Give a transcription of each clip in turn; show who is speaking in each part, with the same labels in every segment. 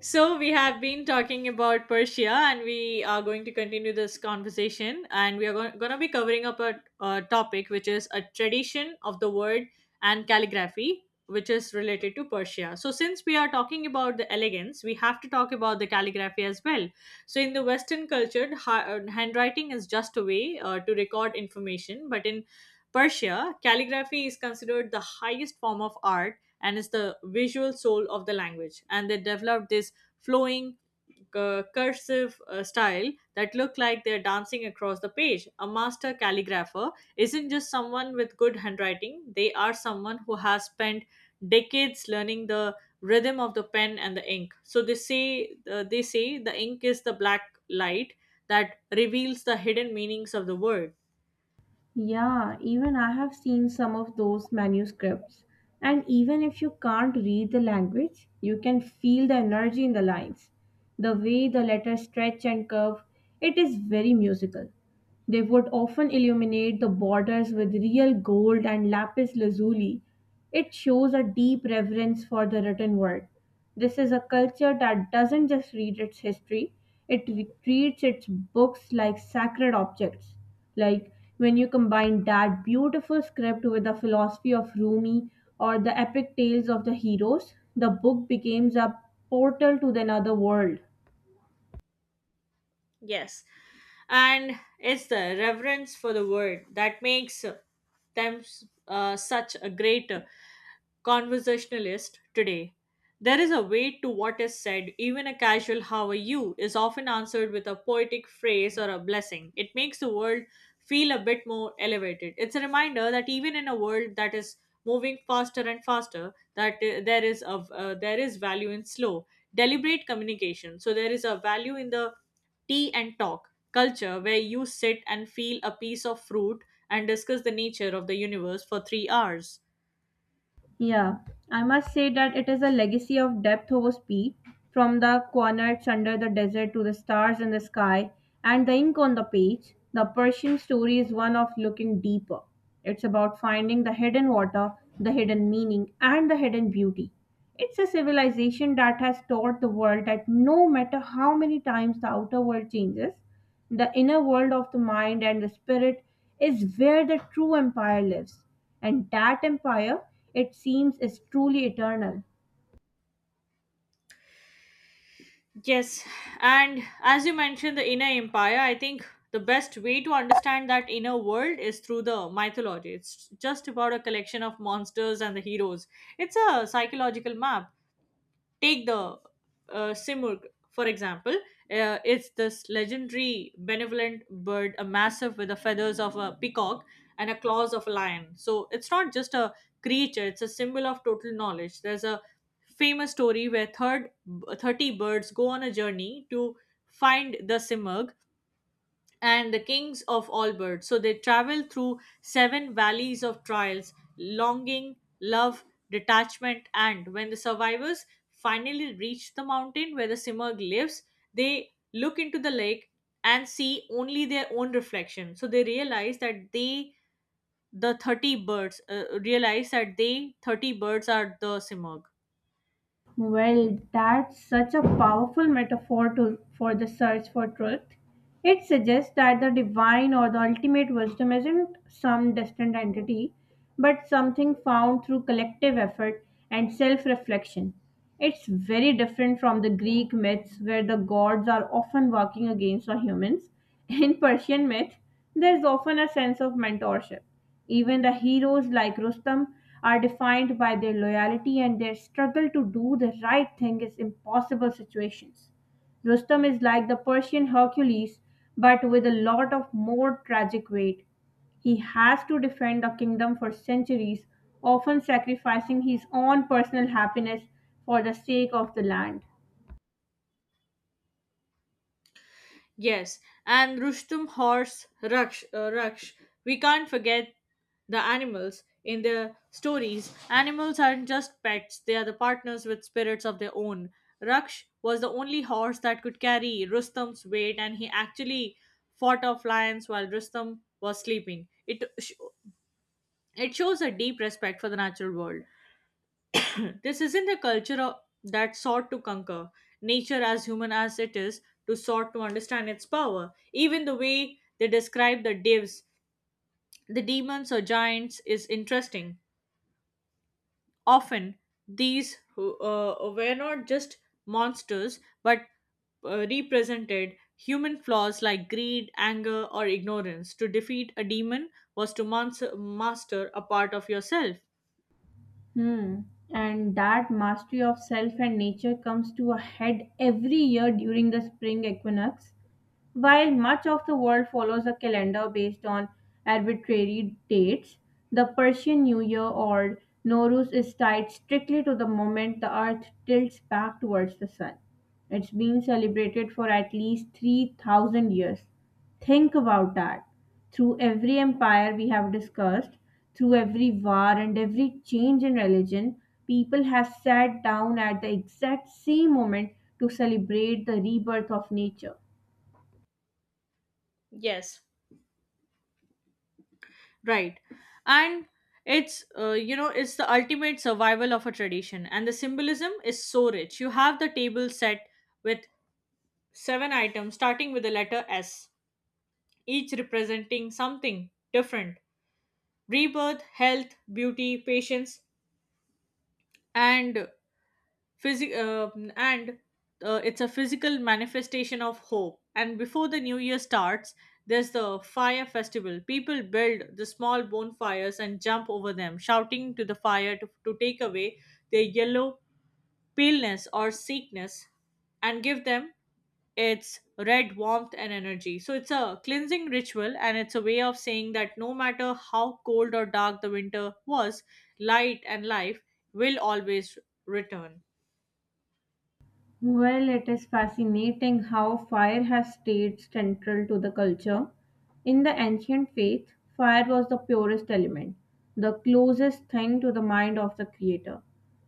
Speaker 1: So, we have been talking about Persia, and we are going to continue this conversation. And we are going to be covering up a topic which is a tradition of the word and calligraphy, which is related to Persia. So, since we are talking about the elegance, we have to talk about the calligraphy as well. So, in the Western culture, handwriting is just a way to record information, but in Persia, calligraphy is considered the highest form of art and is the visual soul of the language. And they developed this flowing cursive style that look like they're dancing across the page. A master calligrapher isn't just someone with good handwriting, they are someone who has spent decades learning the rhythm of the pen and the ink. So they say the ink is the black light that reveals the hidden meanings of the word.
Speaker 2: Yeah, even I have seen some of those manuscripts. And even if you can't read the language, you can feel the energy in the lines. The way the letters stretch and curve, it is very musical. They would often illuminate the borders with real gold and lapis lazuli. It shows a deep reverence for the written word. This is a culture that doesn't just read its history, it treats its books like sacred objects. Like when you combine that beautiful script with the philosophy of Rumi or the epic tales of the heroes, the book becomes a portal to another world.
Speaker 1: Yes. And it's the reverence for the word that makes them such a great conversationalist today. There is a weight to what is said. Even a casual how are you is often answered with a poetic phrase or a blessing. It makes the world feel a bit more elevated. It's a reminder that even in a world that is moving faster and faster, that there is value in slow, deliberate communication. So there is a value in the tea and talk culture where you sit and feel a piece of fruit and discuss the nature of the universe for 3 hours.
Speaker 2: Yeah, I must say that it is a legacy of depth over speed, from the cornets under the desert to the stars in the sky and the ink on the page. The Persian story is one of looking deeper. It's about finding the hidden water, the hidden meaning, and the hidden beauty. It's a civilization that has taught the world that no matter how many times the outer world changes, the inner world of the mind and the spirit is where the true empire lives, and that empire, it seems, is truly eternal.
Speaker 1: Yes, and as you mentioned the inner empire, I think the best way to understand that inner world is through the mythology. It's just about a collection of monsters and the heroes. It's a psychological map. Take the Simurgh, for example. It's this legendary benevolent bird, a massive with the feathers of a peacock and a claws of a lion. So it's not just a creature, it's a symbol of total knowledge. There's a famous story where 30 birds go on a journey to find the Simurgh and the kings of all birds. So they travel through 7 valleys of trials, longing, love, detachment, and when the survivors finally reach the mountain where the Simurgh lives, they look into the lake and see only their own reflection. So they realize that they, the 30 birds, are the Simurgh.
Speaker 2: Well, that's such a powerful metaphor for the search for truth. It suggests that the divine or the ultimate wisdom isn't some distant entity, but something found through collective effort and self reflection. It's very different from the Greek myths, where the gods are often working against the humans. In Persian myth, there's often a sense of mentorship. Even the heroes like Rustam are defined by their loyalty and their struggle to do the right thing in impossible situations. Rustam is like the Persian Hercules, but with a lot of more tragic weight. He has to defend the kingdom for centuries, often sacrificing his own personal happiness for the sake of the land.
Speaker 1: Yes, and Rustum horse Raksh. We can't forget the animals in the stories. Animals aren't just pets; they are the partners with spirits of their own. Raksh was the only horse that could carry Rustum's weight, and he actually fought off lions while Rustum was sleeping. It shows a deep respect for the natural world. This isn't a that sought to conquer nature as human as it is, to sought to understand its power. Even the way they describe the divs, the demons or giants, is interesting. Often, were not just monsters but represented human flaws like greed, anger, or ignorance. To defeat a demon was to master a part of yourself.
Speaker 2: Hmm. And that mastery of self and nature comes to a head every year during the spring equinox. While much of the world follows a calendar based on arbitrary dates, the Persian New Year or Nowruz is tied strictly to the moment the earth tilts back towards the sun. It's been celebrated for at least 3,000 years. Think about that. Through every empire we have discussed, through every war and every change in religion, people have sat down at the exact same moment to celebrate the rebirth of nature.
Speaker 1: Yes, right. And it's, you know, it's the ultimate survival of a tradition. And the symbolism is so rich. You have the table set with seven items, starting with the letter S, each representing something different: rebirth, health, beauty, patience, and Physi- um and it's a physical manifestation of hope. And before the new year starts, there's the fire festival. People build the small bonfires and jump over them, shouting to the fire to take away their yellow paleness or sickness and give them its red warmth and energy. So it's a cleansing ritual and it's a way of saying that no matter how cold or dark the winter was, light and life will always return.
Speaker 2: Well, it is fascinating how fire has stayed central to the culture. In the ancient faith, fire was the purest element, the closest thing to the mind of the creator.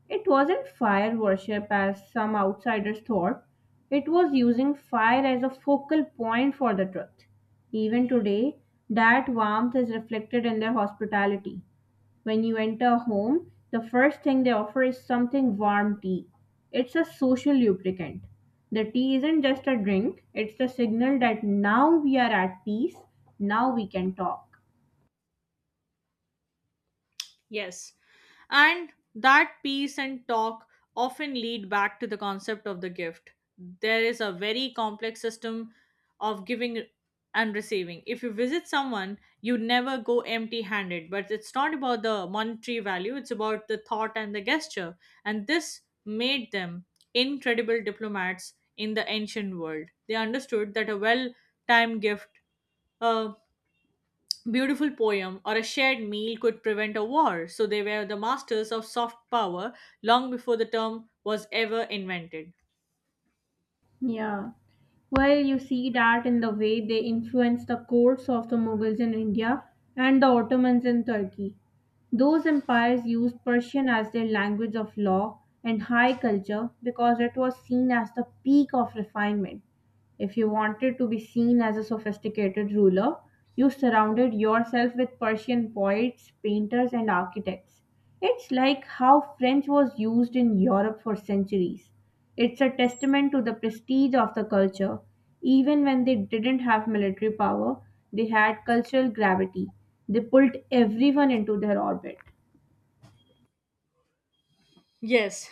Speaker 2: It wasn't fire worship as some outsiders thought, it was using fire as a focal point for the truth. Even today, that warmth is reflected in their hospitality. When you enter a home, the first thing they offer is something warm tea. It's a social lubricant. The tea isn't just a drink, it's the signal that now we are at peace, now we can talk.
Speaker 1: Yes. And that peace and talk often lead back to the concept of the gift. There is a very complex system of giving and receiving. If you visit someone, you never go empty handed, but it's not about the monetary value, it's about the thought and the gesture. And this made them incredible diplomats in the ancient world. They understood that a well timed gift, a beautiful poem or a shared meal could prevent a war, so they were the masters of soft power long before the term was ever invented.
Speaker 2: Yeah. Well, you see that in the way they influenced the courts of the Mughals in India and the Ottomans in Turkey. Those empires used Persian as their language of law and high culture because it was seen as the peak of refinement. If you wanted to be seen as a sophisticated ruler, you surrounded yourself with Persian poets, painters, and architects. It's like how French was used in Europe for centuries. It's a testament to the prestige of the culture. Even when they didn't have military power, they had cultural gravity. They pulled everyone into their orbit.
Speaker 1: Yes,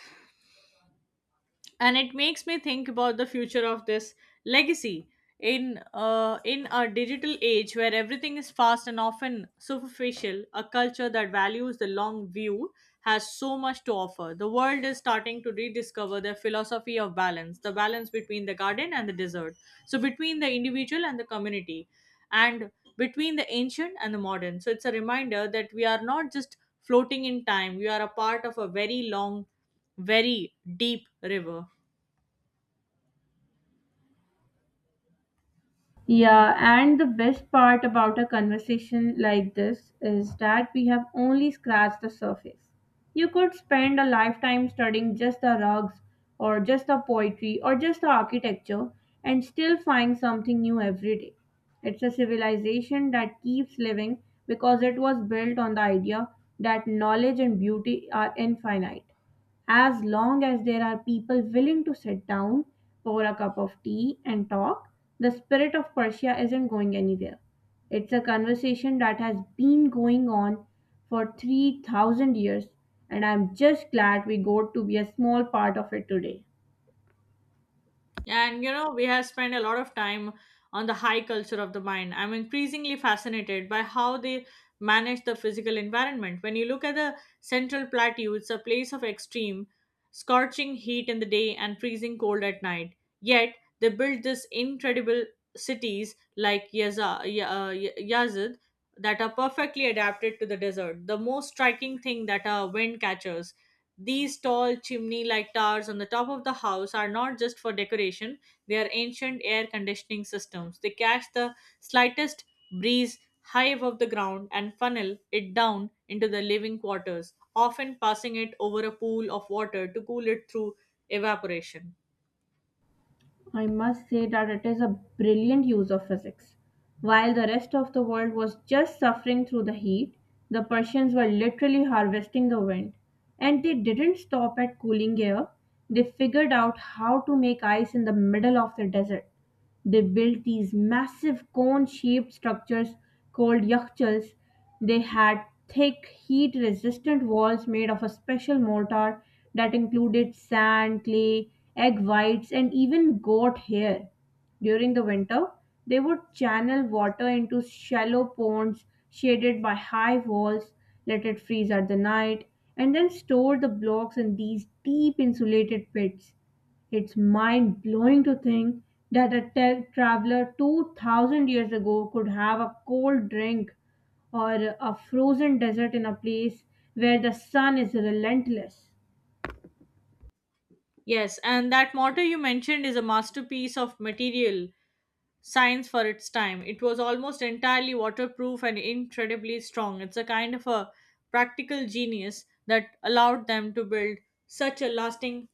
Speaker 1: and it makes me think about the future of this legacy in in a digital age where everything is fast and often superficial, a culture that values the long view has so much to offer. The world is starting to rediscover their philosophy of balance, the balance between the garden and the desert, so between the individual and the community, and between the ancient and the modern. So it's a reminder that we are not just floating in time, we are a part of a very long, very deep river.
Speaker 2: Yeah, and the best part about a conversation like this is that we have only scratched the surface. You could spend a lifetime studying just the rugs, or just the poetry, or just the architecture, and still find something new every day. It's a civilization that keeps living because it was built on the idea that knowledge and beauty are infinite. As long as there are people willing to sit down, pour a cup of tea, and talk, the spirit of Persia isn't going anywhere. It's a conversation that has been going on for 3,000 years, and I'm just glad we got to be a small part of it today.
Speaker 1: And you know, we have spent a lot of time on the high culture of the mind. I'm increasingly fascinated by how they manage the physical environment. When you look at the central plateau, it's a place of extreme, scorching heat in the day and freezing cold at night. Yet they built these incredible cities like Yazid that are perfectly adapted to the desert. The most striking thing that are wind catchers, these tall chimney like towers on the top of the house are not just for decoration, they are ancient air conditioning systems. They catch the slightest breeze high above the ground and funnel it down into the living quarters, often passing it over a pool of water to cool it through evaporation.
Speaker 2: I must say that it is a brilliant use of physics. While the rest of the world was just suffering through the heat, the Persians were literally harvesting the wind. And they didn't stop at cooling air, they figured out how to make ice in the middle of the desert. They built these massive cone-shaped structures called yakhchals. They had thick, heat-resistant walls made of a special mortar that included sand, clay, egg whites, and even goat hair. During the winter, they would channel water into shallow ponds shaded by high walls, let it freeze at the night, and then store the blocks in these deep insulated pits. It's mind blowing to think that a traveler 2000 years ago could have a cold drink or a frozen desert in a place where the sun is relentless.
Speaker 1: Yes, and that mortar you mentioned is a masterpiece of material science for its time. It was almost entirely waterproof and incredibly strong. It's a kind of a practical genius that allowed them to build such a lasting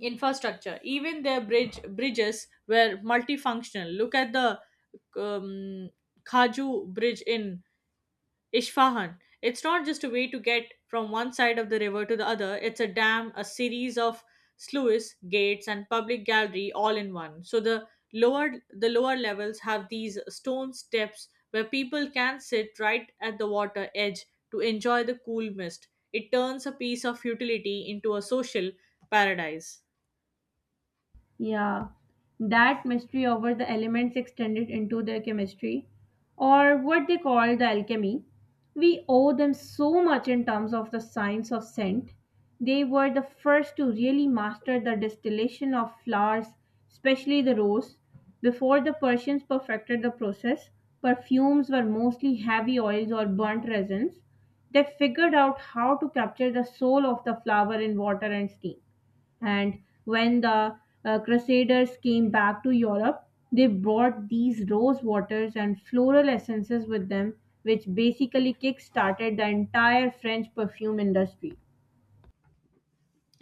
Speaker 1: infrastructure. Even their bridges were multifunctional. Look at the um, Khaju Bridge in Isfahan. It's not just a way to get from one side of the river to the other, it's a dam, a series of sluice gates and public gallery all in one. So the lower levels have these stone steps where people can sit right at the water edge to enjoy the cool mist. It turns a piece of utility into a social paradise.
Speaker 2: Yeah, that mystery over the elements extended into their chemistry, or what they call the alchemy. We owe them so much in terms of the science of scent. They were the first to really master the distillation of flowers, especially the rose. Before the Persians perfected the process, perfumes were mostly heavy oils or burnt resins. They figured out how to capture the soul of the flower in water and steam. And when the Crusaders came back to Europe, they brought these rose waters and floral essences with them, which basically kick started the entire French perfume industry.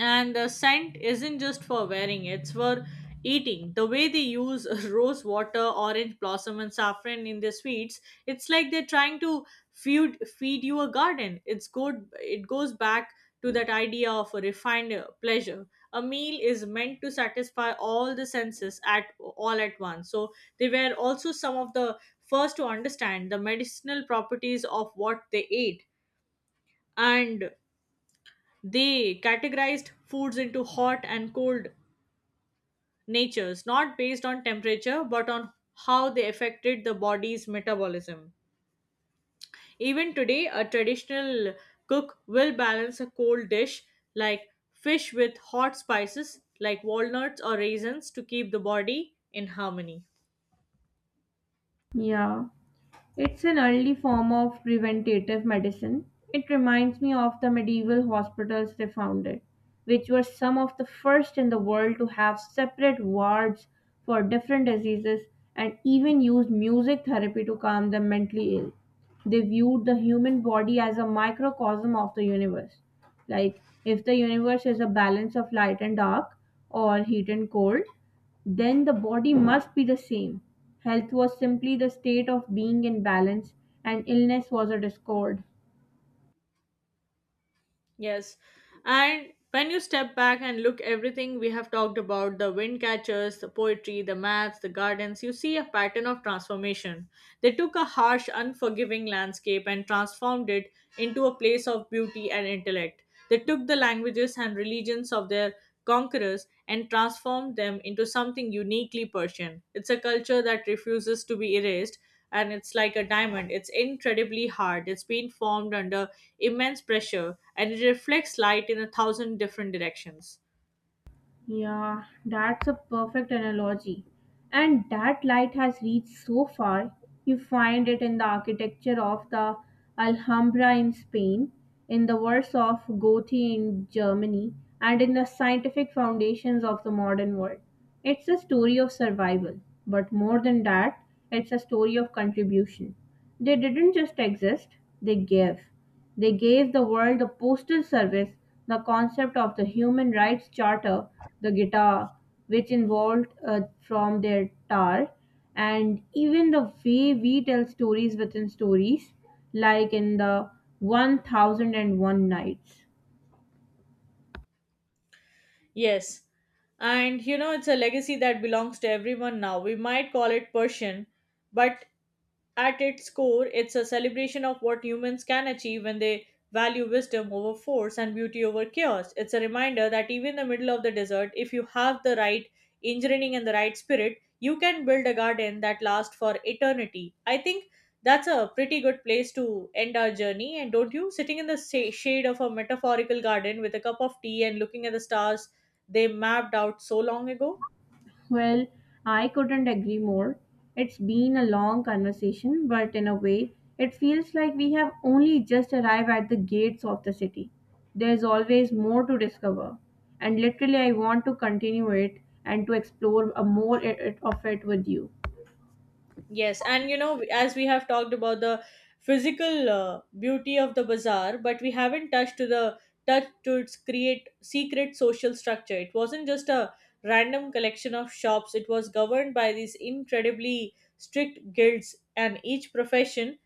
Speaker 1: And the scent isn't just for wearing, it's for eating. The way they use rose water, orange blossom, and saffron in their sweets, it's like they're trying to feed you a garden. It's good, it goes back to that idea of a refined pleasure. A meal is meant to satisfy all the senses at all at once. So they were also some of the first to understand the medicinal properties of what they ate, and they categorized foods into hot and cold natures, not based on temperature, but on how they affected the body's metabolism. Even today, a traditional cook will balance a cold dish like fish with hot spices like walnuts or raisins to keep the body in harmony.
Speaker 2: Yeah. It's an early form of preventative medicine. It reminds me of the medieval hospitals they founded, which were some of the first in the world to have separate wards for different diseases and even used music therapy to calm the mentally ill. They viewed the human body as a microcosm of the universe. Like, if the universe is a balance of light and dark, or heat and cold, then the body must be the same. Health was simply the state of being in balance, and illness was a discord.
Speaker 1: Yes. And when you step back and look everything we have talked about, the wind catchers, the poetry, the maths, the gardens, you see a pattern of transformation. They took a harsh, unforgiving landscape and transformed it into a place of beauty and intellect. They took the languages and religions of their conquerors and transformed them into something uniquely Persian. It's a culture that refuses to be erased, and it's like a diamond. It's incredibly hard. It's been formed under immense pressure and it reflects light in a thousand different directions.
Speaker 2: Yeah, that's a perfect analogy. And that light has reached so far. You find it in the architecture of the Alhambra in Spain, in the works of Goethe in Germany, and in the scientific foundations of the modern world. It's a story of survival, but more than that, it's a story of contribution. They didn't just exist, they gave. They gave the world the postal service, the concept of the human rights charter, the guitar, which evolved from their tar, and even the way we tell stories within stories, like in the 1001 Nights.
Speaker 1: Yes. And you know, it's a legacy that belongs to everyone now. We might call it Persian, but at its core, it's a celebration of what humans can achieve when they value wisdom over force and beauty over chaos. It's a reminder that even in the middle of the desert, if you have the right engineering and the right spirit, you can build a garden that lasts for eternity. I think that's a pretty good place to end our journey, and don't you? Sitting in the shade of a metaphorical garden with a cup of tea and looking at the stars they mapped out so long ago.
Speaker 2: Well, I couldn't agree more. It's been a long conversation, but in a way, it feels like we have only just arrived at the gates of the city. There's always more to discover, and literally, I want to continue it and to explore a more I- it- of it with you.
Speaker 1: Yes, and you know, as we have talked about the physical beauty of the bazaar, but we haven't touched to the touch to its create secret social structure. It wasn't just a random collection of shops. It was governed by these incredibly strict guilds, and each profession,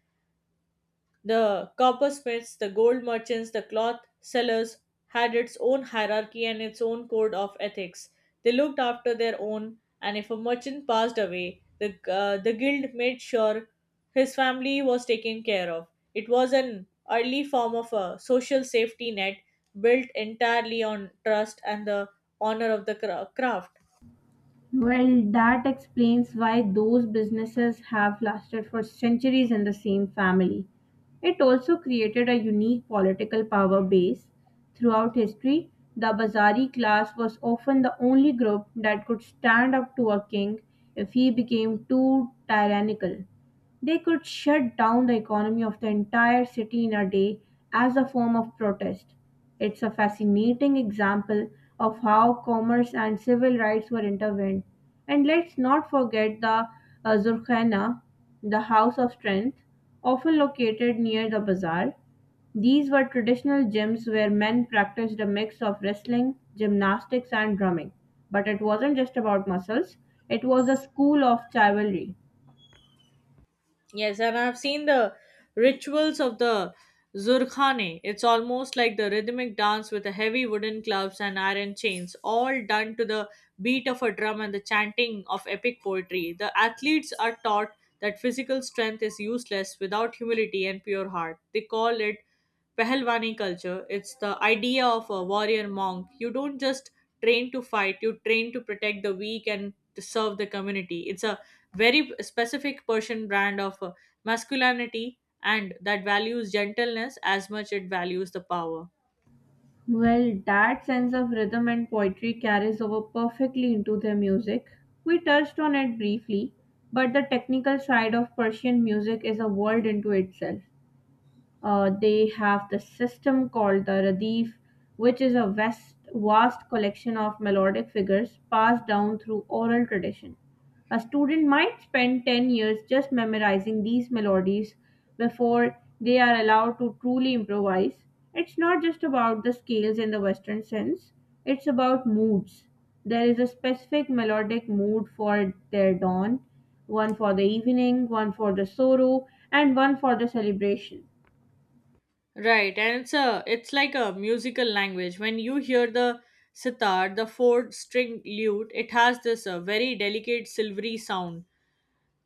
Speaker 1: the coppersmiths, the gold merchants, the cloth sellers, had its own hierarchy and its own code of ethics. They looked after their own, and if a merchant passed away, the the guild made sure his family was taken care of. It was an early form of a social safety net built entirely on trust and the honor of the craft.
Speaker 2: Well, that explains why those businesses have lasted for centuries in the same family. It also created a unique political power base. Throughout history, the Bazari class was often the only group that could stand up to a king if he became too tyrannical. They could shut down the economy of the entire city in a day as a form of protest. It's a fascinating example of how commerce and civil rights were intertwined. And let's not forget the Zurkhana, the house of strength, often located near the bazaar. These were traditional gyms where men practiced a mix of wrestling, gymnastics, and drumming. But it wasn't just about muscles, it was a school of chivalry.
Speaker 1: Yes, and I've seen the rituals of the Zurkhane. It's almost like the rhythmic dance with the heavy wooden clubs and iron chains, all done to the beat of a drum and the chanting of epic poetry. The athletes are taught that physical strength is useless without humility and pure heart. They call it Pehlwani culture. It's the idea of a warrior monk. You don't just train to fight, you train to protect the weak and to serve the community. It's a very specific Persian brand of masculinity and that values gentleness as much it values the power.
Speaker 2: Well, that sense of rhythm and poetry carries over perfectly into their music. We touched on it briefly, but the technical side of Persian music is a world into itself. They have the system called the Radif, which is a vast collection of melodic figures passed down through oral tradition. A student might spend 10 years just memorizing these melodies before they are allowed to truly improvise. It's not just about the scales in the Western sense, it's about moods. There is a specific melodic mood for their dawn, one for the evening, one for the sorrow, and one for the celebration.
Speaker 1: Right, and it's like a musical language. When you hear the sitar, the four string lute, it has this very delicate silvery sound.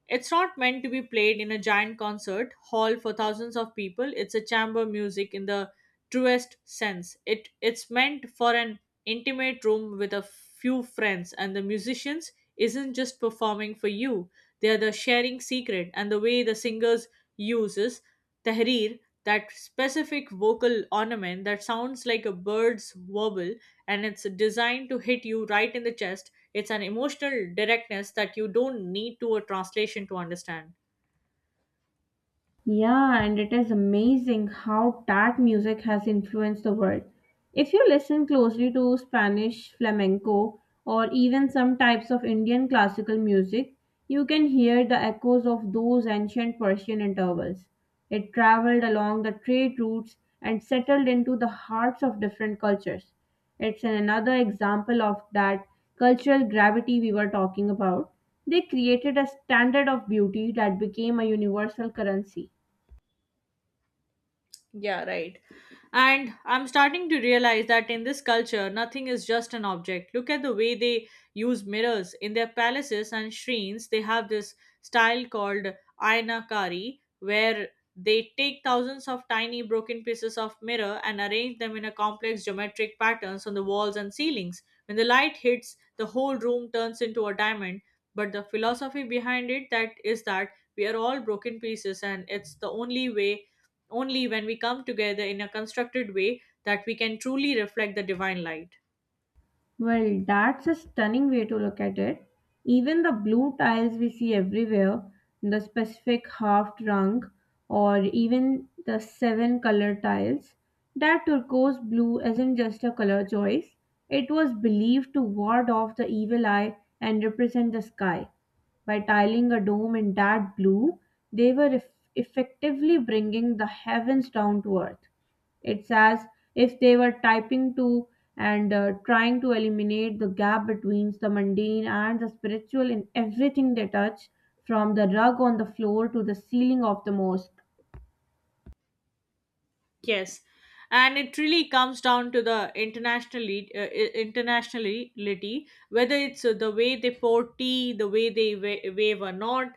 Speaker 1: It's not meant to be played in a giant concert hall for thousands of people. It's a chamber music in the truest sense. It's meant for an intimate room with a few friends and the musicians isn't just performing for you. They are the sharing secret, and the way the singers uses Tahrir, that specific vocal ornament that sounds like a bird's warble and it's designed to hit you right in the chest. It's an emotional directness that you don't need to a translation to understand.
Speaker 2: Yeah, and it is amazing how that music has influenced the world. If you listen closely to Spanish flamenco or even some types of Indian classical music, you can hear the echoes of those ancient Persian intervals. It traveled along the trade routes and settled into the hearts of different cultures. It's another example of that cultural gravity we were talking about. They created a standard of beauty that became a universal currency.
Speaker 1: Yeah, right. And I'm starting to realize that in this culture, nothing is just an object. Look at the way they use mirrors. In their palaces and shrines, they have this style called aynakari, where they take thousands of tiny broken pieces of mirror and arrange them in a complex geometric patterns on the walls and ceilings. When the light hits, the whole room turns into a diamond. But the philosophy behind it that is that we are all broken pieces and it's the only way, only when we come together in a constructed way, that we can truly reflect the divine light.
Speaker 2: Well, that's a stunning way to look at it. Even the blue tiles we see everywhere, the specific half trunk, or even the seven color tiles, that turquoise blue isn't just a color choice. It was believed to ward off the evil eye and represent the sky. By tiling a dome in that blue, they were effectively bringing the heavens down to earth. It's as if they were typing to and trying to eliminate the gap between the mundane and the spiritual in everything they touch, from the rug on the floor to the ceiling of the mosque.
Speaker 1: Yes, and it really comes down to the internationally internationality, whether it's the way they pour tea, the way they wave a nod,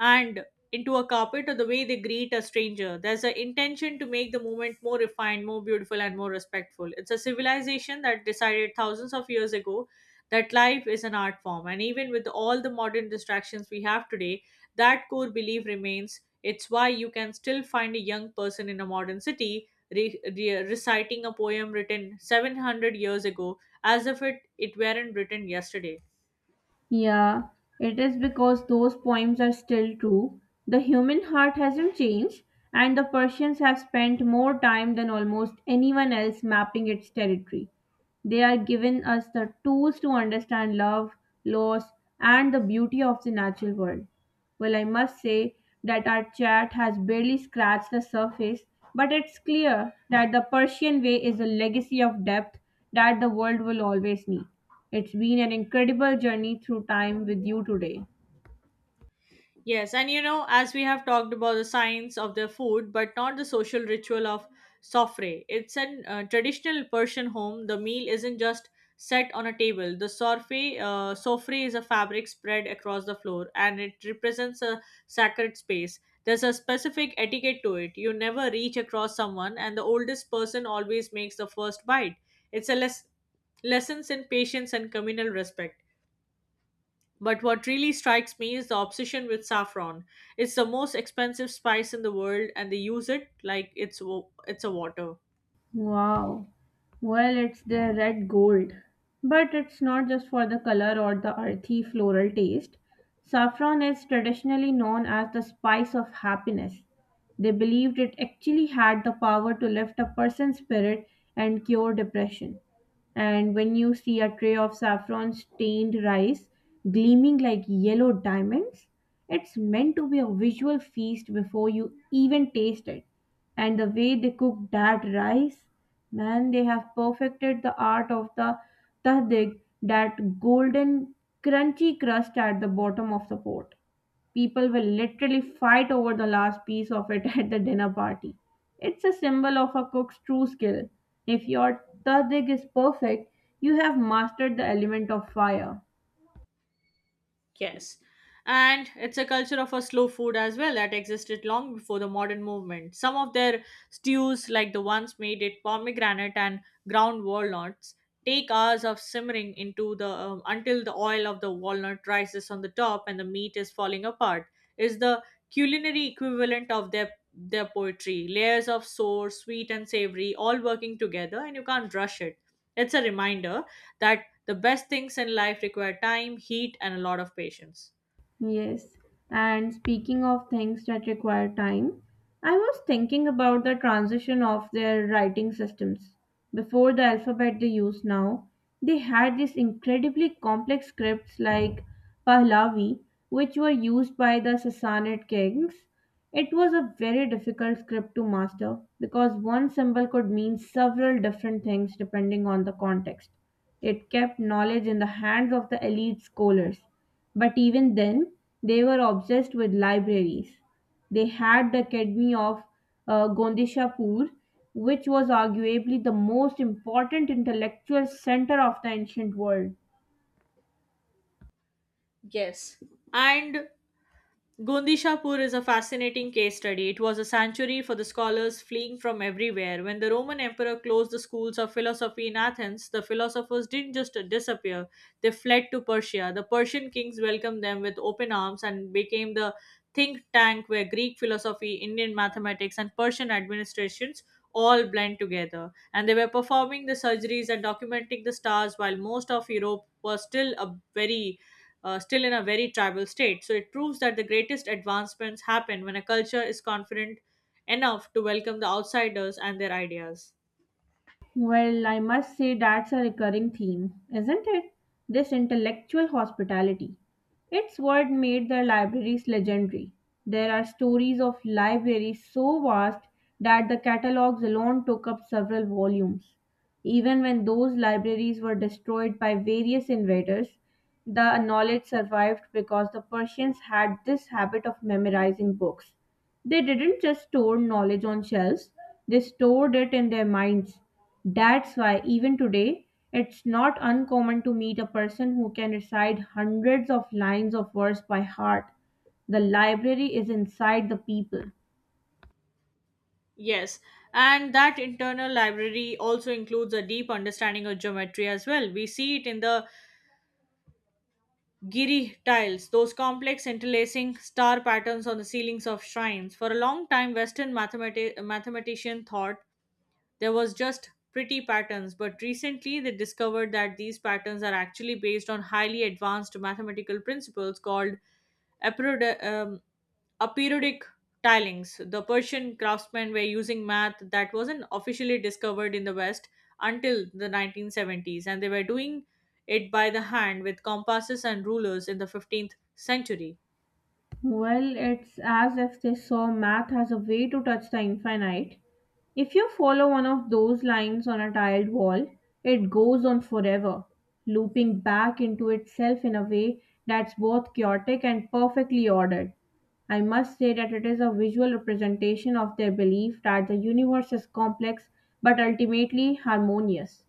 Speaker 1: and into a carpet, or the way they greet a stranger. There's an intention to make the movement more refined, more beautiful, and more respectful. It's a civilization that decided thousands of years ago that life is an art form, and even with all the modern distractions we have today, that core belief remains. It's why you can still find a young person in a modern city reciting a poem written 700 years ago as if it weren't written yesterday.
Speaker 2: Yeah, it is because those poems are still true. The human heart hasn't changed, and the Persians have spent more time than almost anyone else mapping its territory. They are giving us the tools to understand love, loss, and the beauty of the natural world. Well, I must say that our chat has barely scratched the surface, but it's clear that the Persian Way is a legacy of depth that the world will always need. It's been an incredible journey through time with you today.
Speaker 1: Yes, and you know, as we have talked about the science of their food, but not the social ritual of sofre. It's an traditional Persian home. The meal isn't just set on a table. The sofre is a fabric spread across the floor, and it represents a sacred space. There's a specific etiquette to it. You never reach across someone, and the oldest person always makes the first bite. It's a lessons in patience and communal respect. But what really strikes me is the obsession with saffron. It's the most expensive spice in the world, and they use it like it's a water.
Speaker 2: Wow. Well, it's their red gold. But it's not just for the color or the earthy floral taste. Saffron is traditionally known as the spice of happiness. They believed it actually had the power to lift a person's spirit and cure depression. And when you see a tray of saffron stained rice gleaming like yellow diamonds, it's meant to be a visual feast before you even taste it. And the way they cook that rice, man, they have perfected the art of the tahdig, that golden crunchy crust at the bottom of the pot. People will literally fight over the last piece of it at the dinner party. It's a symbol of a cook's true skill. If your tadig is perfect, you have mastered the element of fire.
Speaker 1: Yes. And it's a culture of a slow food as well that existed long before the modern movement. Some of their stews, like the ones made with pomegranate and ground walnuts, take hours of simmering into the until the oil of the walnut rises on the top and the meat is falling apart. Is the culinary equivalent of their poetry. Layers of sour, sweet, and savory all working together, and you can't rush it. It's a reminder that the best things in life require time, heat, and a lot of patience.
Speaker 2: Yes, and speaking of things that require time, I was thinking about the transition of their writing systems. Before the alphabet they use now, they had these incredibly complex scripts like Pahlavi, which were used by the Sassanid kings. It was a very difficult script to master because one symbol could mean several different things depending on the context. It kept knowledge in the hands of the elite scholars, but even then, they were obsessed with libraries. They had the Academy of Gondishapur, which was arguably the most important intellectual center of the ancient world.
Speaker 1: Yes. And Gondishapur is a fascinating case study. It was a sanctuary for the scholars fleeing from everywhere. When the Roman emperor closed the schools of philosophy in Athens, the philosophers didn't just disappear, they fled to Persia. The Persian kings welcomed them with open arms and became the think tank where Greek philosophy, Indian mathematics, and Persian administrations all blend together. And they were performing the surgeries and documenting the stars while most of Europe was still a very still in a very tribal state. So it proves that the greatest advancements happen when a culture is confident enough to welcome the outsiders and their ideas.
Speaker 2: Well, I must say that's a recurring theme, isn't it? This intellectual hospitality. It's what made the libraries legendary. There are stories of libraries so vast that the catalogs alone took up several volumes. Even when those libraries were destroyed by various invaders, the knowledge survived because the Persians had this habit of memorizing books. They didn't just store knowledge on shelves, they stored it in their minds. That's why, even today, it's not uncommon to meet a person who can recite hundreds of lines of verse by heart. The library is inside the people.
Speaker 1: Yes, and that internal library also includes a deep understanding of geometry as well. We see it in the giri tiles, those complex interlacing star patterns on the ceilings of shrines. For a long time, Western mathematicians thought there was just pretty patterns, but recently they discovered that these patterns are actually based on highly advanced mathematical principles called aperiod- um, aperiodic tilings. The Persian craftsmen were using math that wasn't officially discovered in the West until the 1970s, and they were doing it by the hand with compasses and rulers in the 15th century.
Speaker 2: Well, it's as if they saw math as a way to touch the infinite. If you follow one of those lines on a tiled wall, it goes on forever, looping back into itself in a way that's both chaotic and perfectly ordered. I must say that it is a visual representation of their belief that the universe is complex but ultimately harmonious.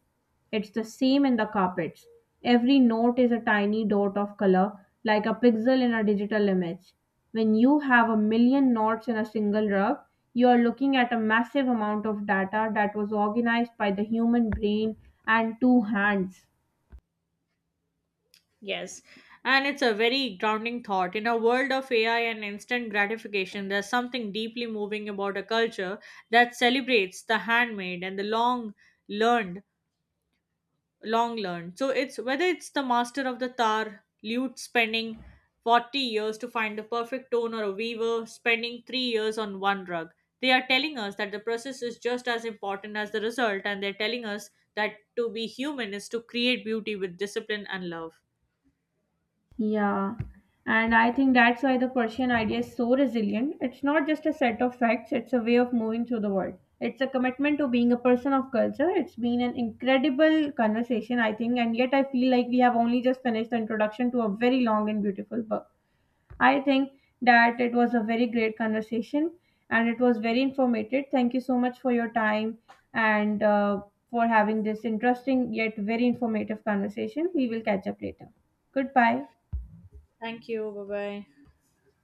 Speaker 2: It's the same in the carpets. Every note is a tiny dot of color, like a pixel in a digital image. When you have a million notes in a single rug, you are looking at a massive amount of data that was organized by the human brain and two hands.
Speaker 1: Yes, and it's a very grounding thought. In a world of AI and instant gratification, there's something deeply moving about a culture that celebrates the handmade and the learned, long learned. So it's whether it's the master of the tar lute spending 40 years to find the perfect tone or a weaver spending 3 years on one rug. They are telling us that the process is just as important as the result, and they're telling us that to be human is to create beauty with discipline and love.
Speaker 2: Yeah, and I think that's why the Persian idea is so resilient. It's not just a set of facts, it's a way of moving through the world. It's a commitment to being a person of culture. It's been an incredible conversation, I think, and yet I feel like we have only just finished the introduction to a very long and beautiful book. I think that it was a very great conversation and it was very informative. Thank you so much for your time and for having this interesting yet very informative conversation. We will catch up later. Goodbye.
Speaker 1: Thank you. Bye bye.